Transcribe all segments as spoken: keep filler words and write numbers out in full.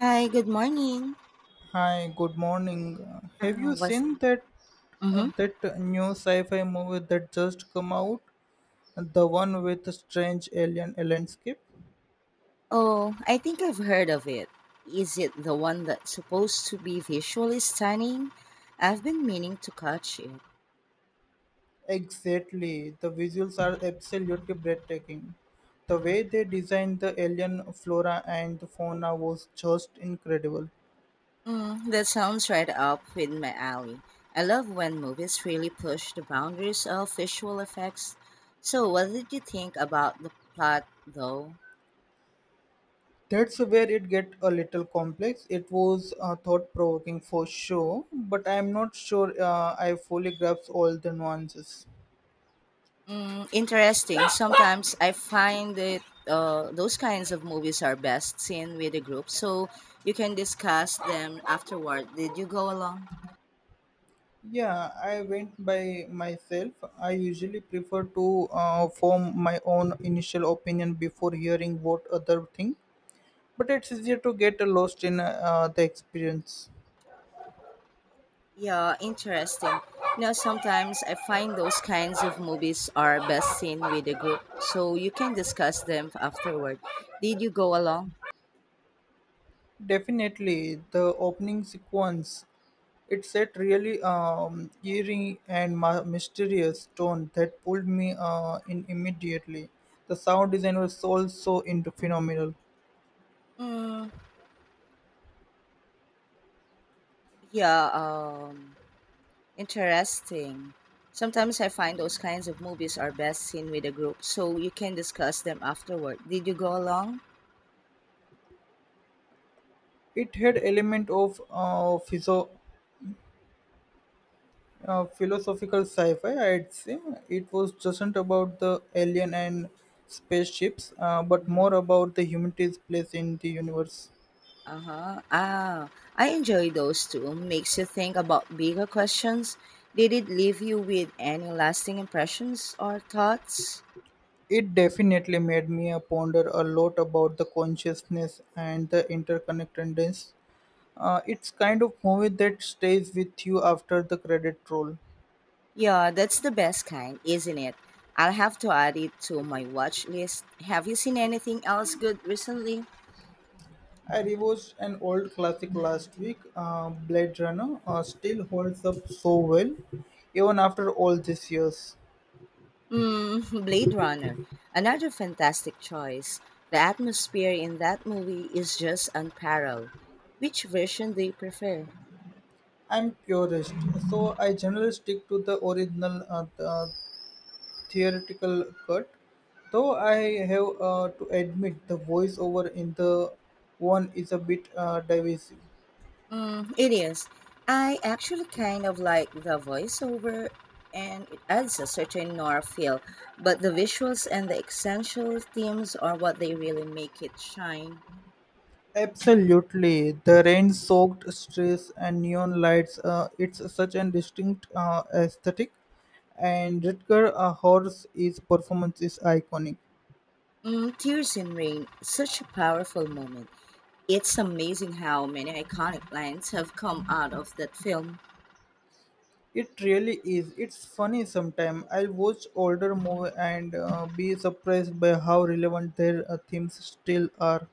Hi, good morning. Hi, good morning. Uh, Have Uh, you was seen that uh, mm-hmm. that new sci-fi movie that just come out? The one with the strange alien landscape? Oh, I think I've heard of it. Is it the one that's supposed to be visually stunning? I've been meaning to catch it. Exactly. The visuals are absolutely breathtaking. The way they designed the alien flora and the fauna was just incredible. Mm, that sounds right up in my alley. I love when movies really push the boundaries of visual effects. So, what did you think about the plot, though? That's where it get a little complex. It was uh, thought-provoking for sure, but I'm not sure uh, I fully grasp all the nuances. Mm, interesting. Sometimes I find that uh, those kinds of movies are best seen with a group, so you can discuss them afterward. Did you go along? Yeah, I went by myself. I usually prefer to uh, form my own initial opinion before hearing what other think, but it's easier to get lost in uh, the experience. Yeah, interesting. You know, sometimes I find those kinds of movies are best seen with a group, so you can discuss them afterward. Did you go along? Definitely, the opening sequence it set really um, eerie and ma- mysterious tone that pulled me uh, in immediately. The sound design was also into phenomenal. Mm, yeah. Um, Interesting. Sometimes I find those kinds of movies are best seen with a group so you can discuss them afterward. Did you go along? It had element of uh, uh, philosophical sci-fi, I'd say it was just about the alien and spaceships, uh, but Uh-huh. more about the humanity's place in the universe. Uh-huh. Ah, I enjoy those too. Makes you think about bigger questions. Did it leave you with any lasting impressions or thoughts? It definitely made me uh, ponder a lot about the consciousness and the interconnectedness. Uh, it's kind of movie that stays with you after the credit roll. Yeah, that's the best kind, isn't it? I'll have to add it to my watch list. Have you seen anything else good recently? I rewatched an old classic last week, uh, Blade Runner. Uh, still holds up so well, even after all these years. Mm, Blade Runner. Another fantastic choice. The atmosphere in that movie is just unparalleled. Which version do you prefer? I'm purist, so I generally stick to the original uh, th- uh, theoretical cut. Though I have uh, to admit the voiceover in the one is a bit uh, divisive. Mm, it is. I actually kind of like the voiceover, and it adds a certain noir feel, but the visuals and the essential themes are what they really make it shine. Absolutely, the rain-soaked streets and neon lights. Uh, it's such a distinct uh, aesthetic, and Rutger uh, Horse is performance is iconic. Mm, Tears in Rain, such a powerful moment. It's amazing how many iconic lines have come out of that film. It really is. It's funny sometimes. I'll watch older movie and uh, be surprised by how relevant their uh, themes still are.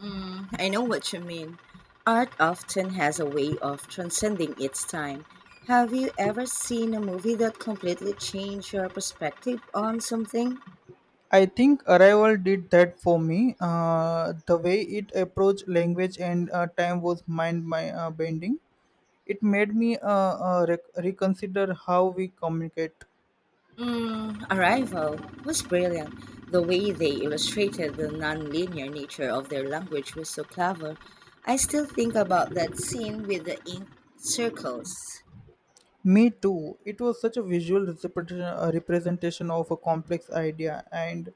Mm, I know what you mean. Art often has a way of transcending its time. Have you ever seen a movie that completely changed your perspective on something? I think Arrival did that for me. Uh, the way it approached language and uh, time was mind my uh, bending. It made me uh, uh, rec- reconsider how we communicate. Mm, Arrival was brilliant. The way they illustrated the non-linear nature of their language was so clever. I still think about that scene with the ink circles. Me too. It was such a visual representation uh, representation of a complex idea, and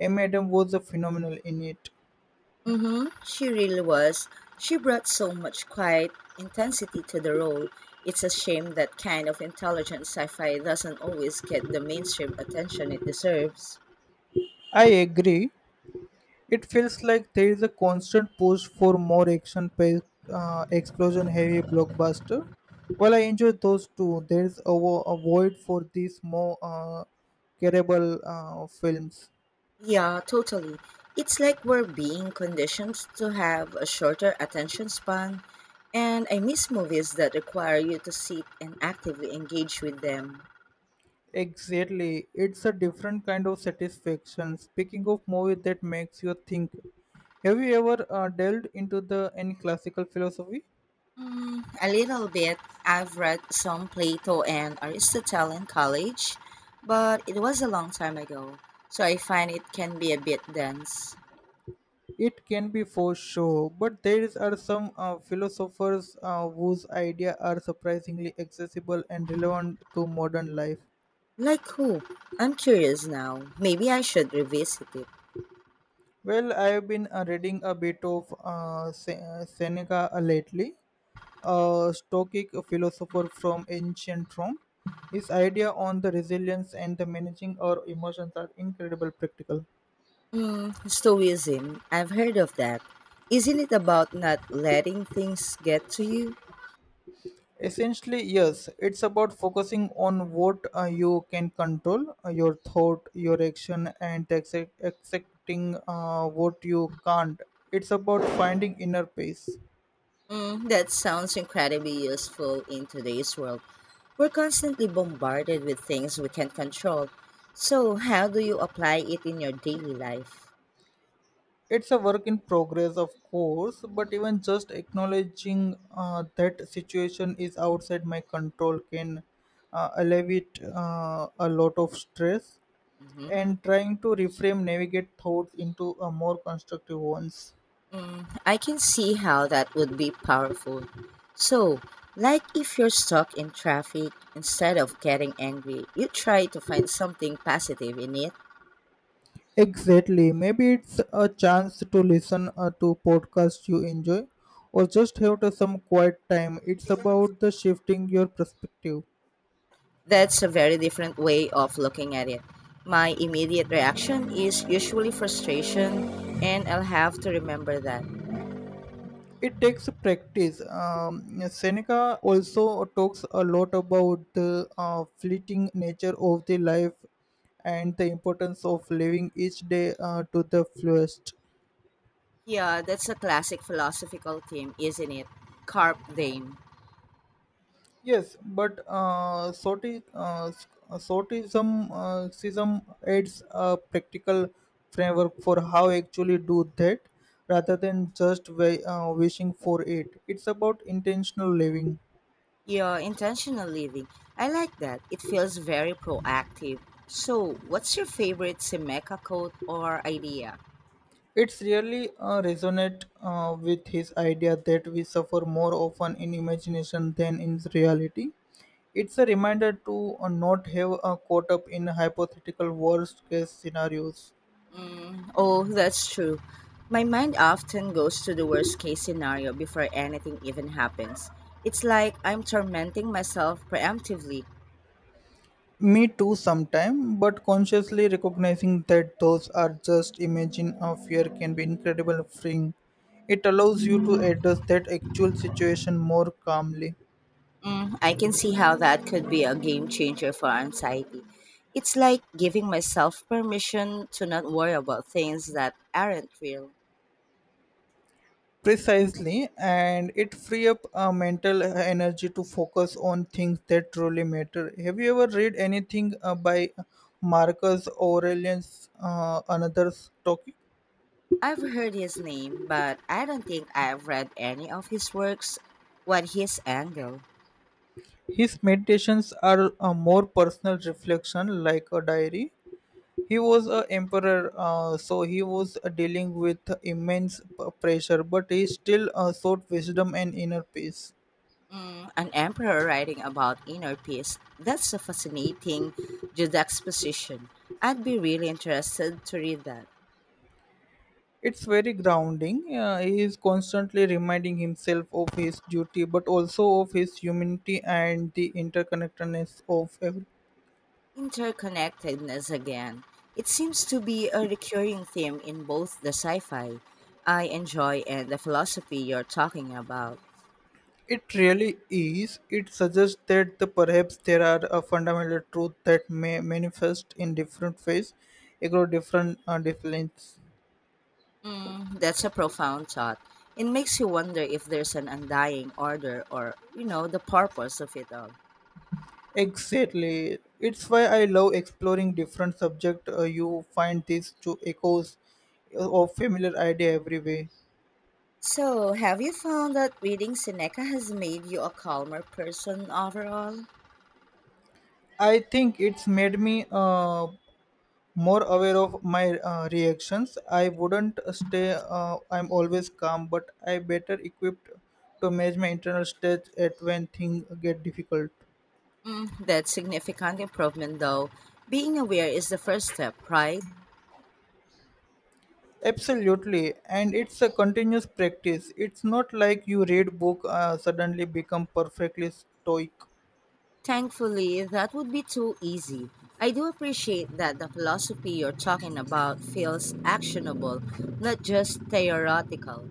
M. Adam was a phenomenal in it. Hmm. She really was. She brought so much quiet intensity to the role. It's a shame that kind of intelligent sci fi doesn't always get the mainstream attention it deserves. I agree. It feels like there is a constant push for more action packed, uh, explosion heavy blockbuster. While I enjoy those two, there is a, vo- a void for these more uh, carable uh, films. Yeah, totally. It's like we're being conditioned to have a shorter attention span, and I miss movies that require you to sit and actively engage with them. Exactly, it's a different kind of satisfaction. Speaking of movie that makes you think, have you ever uh, delved into the any classical philosophy? Mm, a little bit. I've read some Plato and Aristotle in college, but it was a long time ago, so I find it can be a bit dense. It can be for sure, but there is- are some uh, philosophers uh, whose ideas are surprisingly accessible and relevant to modern life. Like who? I'm curious now. Maybe I should revisit it. Well, I have been uh, reading a bit of uh, Se- uh, Seneca uh, lately, a Stoic philosopher from ancient Rome. His idea on the resilience and the managing our emotions are incredible practical. Mm, Stoicism. I've heard of that. Isn't it about not letting things get to you? Essentially, yes, it's about focusing on what uh, you can control, uh, your thought, your action, and accept accepting uh, what you can't. It's about finding inner peace. Mm, that sounds incredibly useful in today's world. We're constantly bombarded with things we can't control. So, how do you apply it in your daily life? It's a work in progress, of course, but even just acknowledging uh, that situation is outside my control can uh, alleviate uh, a lot of stress, Mhm. and trying to reframe navigate thoughts into a more constructive ones. Mm, I can see how that would be powerful. So, like if you're stuck in traffic, instead of getting angry, you try to find something positive in it. Exactly. Maybe it's a chance to listen uh, to podcasts you enjoy or just have to some quiet time. It's about the shifting your perspective. That's a very different way of looking at it. My immediate reaction is usually frustration, and I'll have to remember that. It takes practice. Um, Seneca also talks a lot about the uh, fleeting nature of the life and the importance of living each day uh, to the fullest. Yeah, that's a classic philosophical theme, isn't it? Carp diem. Yes, but uh, sorti- uh, s- uh, sortism uh, sism adds a practical framework for how actually do that, rather than just wa- uh, wishing for it. It's about intentional living. Yeah, intentional living. I like that. It feels very proactive. So, what's your favorite Semeca quote or idea? It's really uh, resonate uh, with his idea that we suffer more often in imagination than in reality. It's a reminder to uh, not have uh, caught up in hypothetical worst case scenarios. Mm, oh, that's true. My mind often goes to the worst case scenario before anything even happens. It's like I'm tormenting myself preemptively. Me too sometime, but consciously recognizing that those are just imagine of fear can be incredible freeing. It allows you to address that actual situation more calmly. Mm, I can see how that could be a game changer for anxiety. It's like giving myself permission to not worry about things that aren't real. Precisely, and it free up uh, mental energy to focus on things that truly matter. Have you ever read anything uh, by Marcus Aurelius, uh, another's talking? I've heard his name, but I don't think I've read any of his works. What his angle? His meditations are a more personal reflection like a diary. He was a emperor, uh, so he was uh, dealing with immense p- pressure, but he still uh, sought wisdom and inner peace. Mm, an emperor writing about inner peace. That's a fascinating juxtaposition. I'd be really interested to read that. It's very grounding. Uh, he is constantly reminding himself of his duty, but also of his humanity and the interconnectedness of everything. Interconnectedness again. It seems to be a recurring theme in both the sci fi I enjoy and the philosophy you're talking about. It really is. It suggests that, the, perhaps there are a fundamental truth that may manifest in different ways across different uh, disciplines. Mm, that's a profound thought. It makes you wonder if there's an undying order or, you know, the purpose of it all. Exactly. It's why I love exploring different subjects. Uh, you find these two echoes uh, of familiar idea everywhere. So, have you found that reading Seneca has made you a calmer person overall? I think it's made me uh, more aware of my uh, reactions. I wouldn't stay. Uh, I'm always calm, but I better equipped to manage my internal state at when things get difficult. Mm, that's significant improvement, though. Being aware is the first step, right? Absolutely, and it's a continuous practice. It's not like you read book uh, suddenly become perfectly stoic. Thankfully, that would be too easy. I do appreciate that the philosophy you're talking about feels actionable, not just theoretical.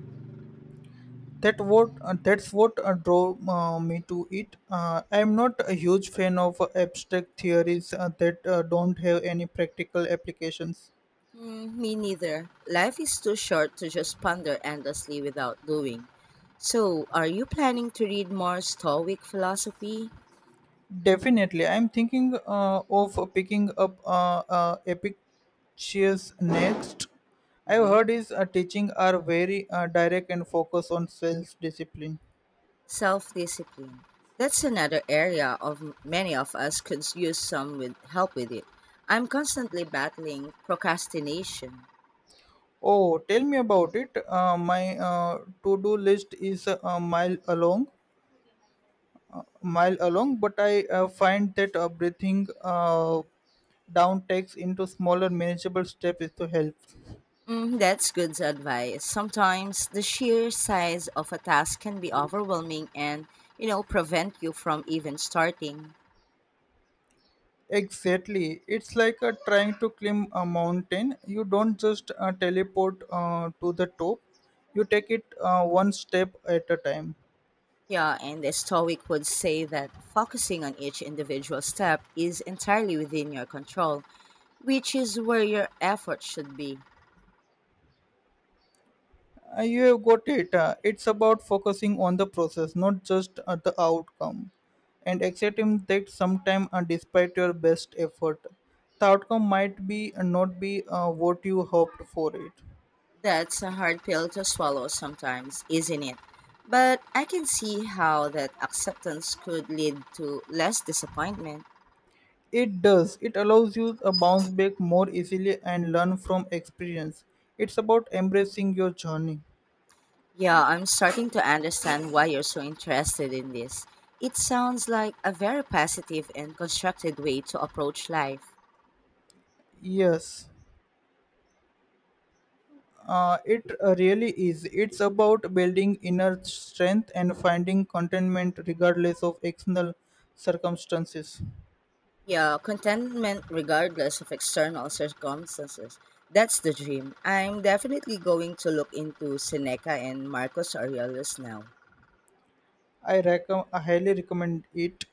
That what uh, that's what uh, drove uh, me to it. Uh, I am not a huge fan of uh, abstract theories uh, that uh, don't have any practical applications. Hmm, me neither. Life is too short to just ponder endlessly without doing. So, are you planning to read more Stoic philosophy? Definitely, I am thinking uh, of picking up uh, uh, Epictetus next. I've Mhm. heard his uh, teaching are very uh, direct and focus on self discipline. Self-discipline. That's another area of m- many of us could use some with help with it. I'm constantly battling procrastination. Oh, tell me about it. Uh, my uh, to do list is uh, a mile along. Mile along, but I uh, find that uh, breathing uh, down takes into smaller, manageable steps is to help. Mm, that's good advice. Sometimes the sheer size of a task can be overwhelming and, you know, prevent you from even starting. Exactly, it's like uh, trying to climb a mountain. You don't just uh, teleport uh, to the top; you take it uh, one step at a time. Yeah, and the Stoic would say that focusing on each individual step is entirely within your control, which is where your effort should be. Uh, you have got it. Uh, it's about focusing on the process, not just at the outcome, and accepting that sometime, uh, despite your best effort, the outcome might be uh, not be uh, what you hoped for it. That's a hard pill to swallow sometimes, isn't it? But I can see how that acceptance could lead to less disappointment. It does. It allows you a bounce back more easily and learn from experience. It's about embracing your journey. Yeah, I'm starting to understand why you're so interested in this. It sounds like a very positive and constructive way to approach life. Yes. Uh, it uh, really is. It's about building inner strength and finding contentment regardless of external circumstances. Yeah, contentment regardless of external circumstances. That's the dream. I'm definitely going to look into Seneca and Marcus Aurelius now. I, recom- I highly recommend it.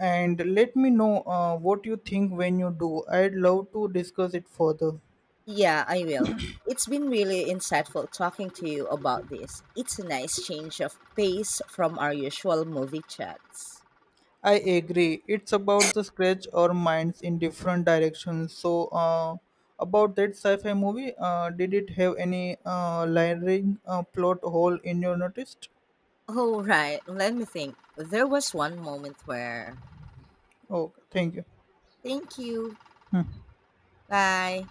And let me know uh, what you think when you do. I'd love to discuss it further. Yeah, I will. It's been really insightful talking to you about this. It's a nice change of pace from our usual movie chats. I agree. It's about the scratch our minds in different directions. So, uh, about that sci-fi movie, uh, did it have any uh, layering uh, plot hole in your noticed? Oh, right. Let me think. There was one moment where, Okay, thank you. thank you, bye.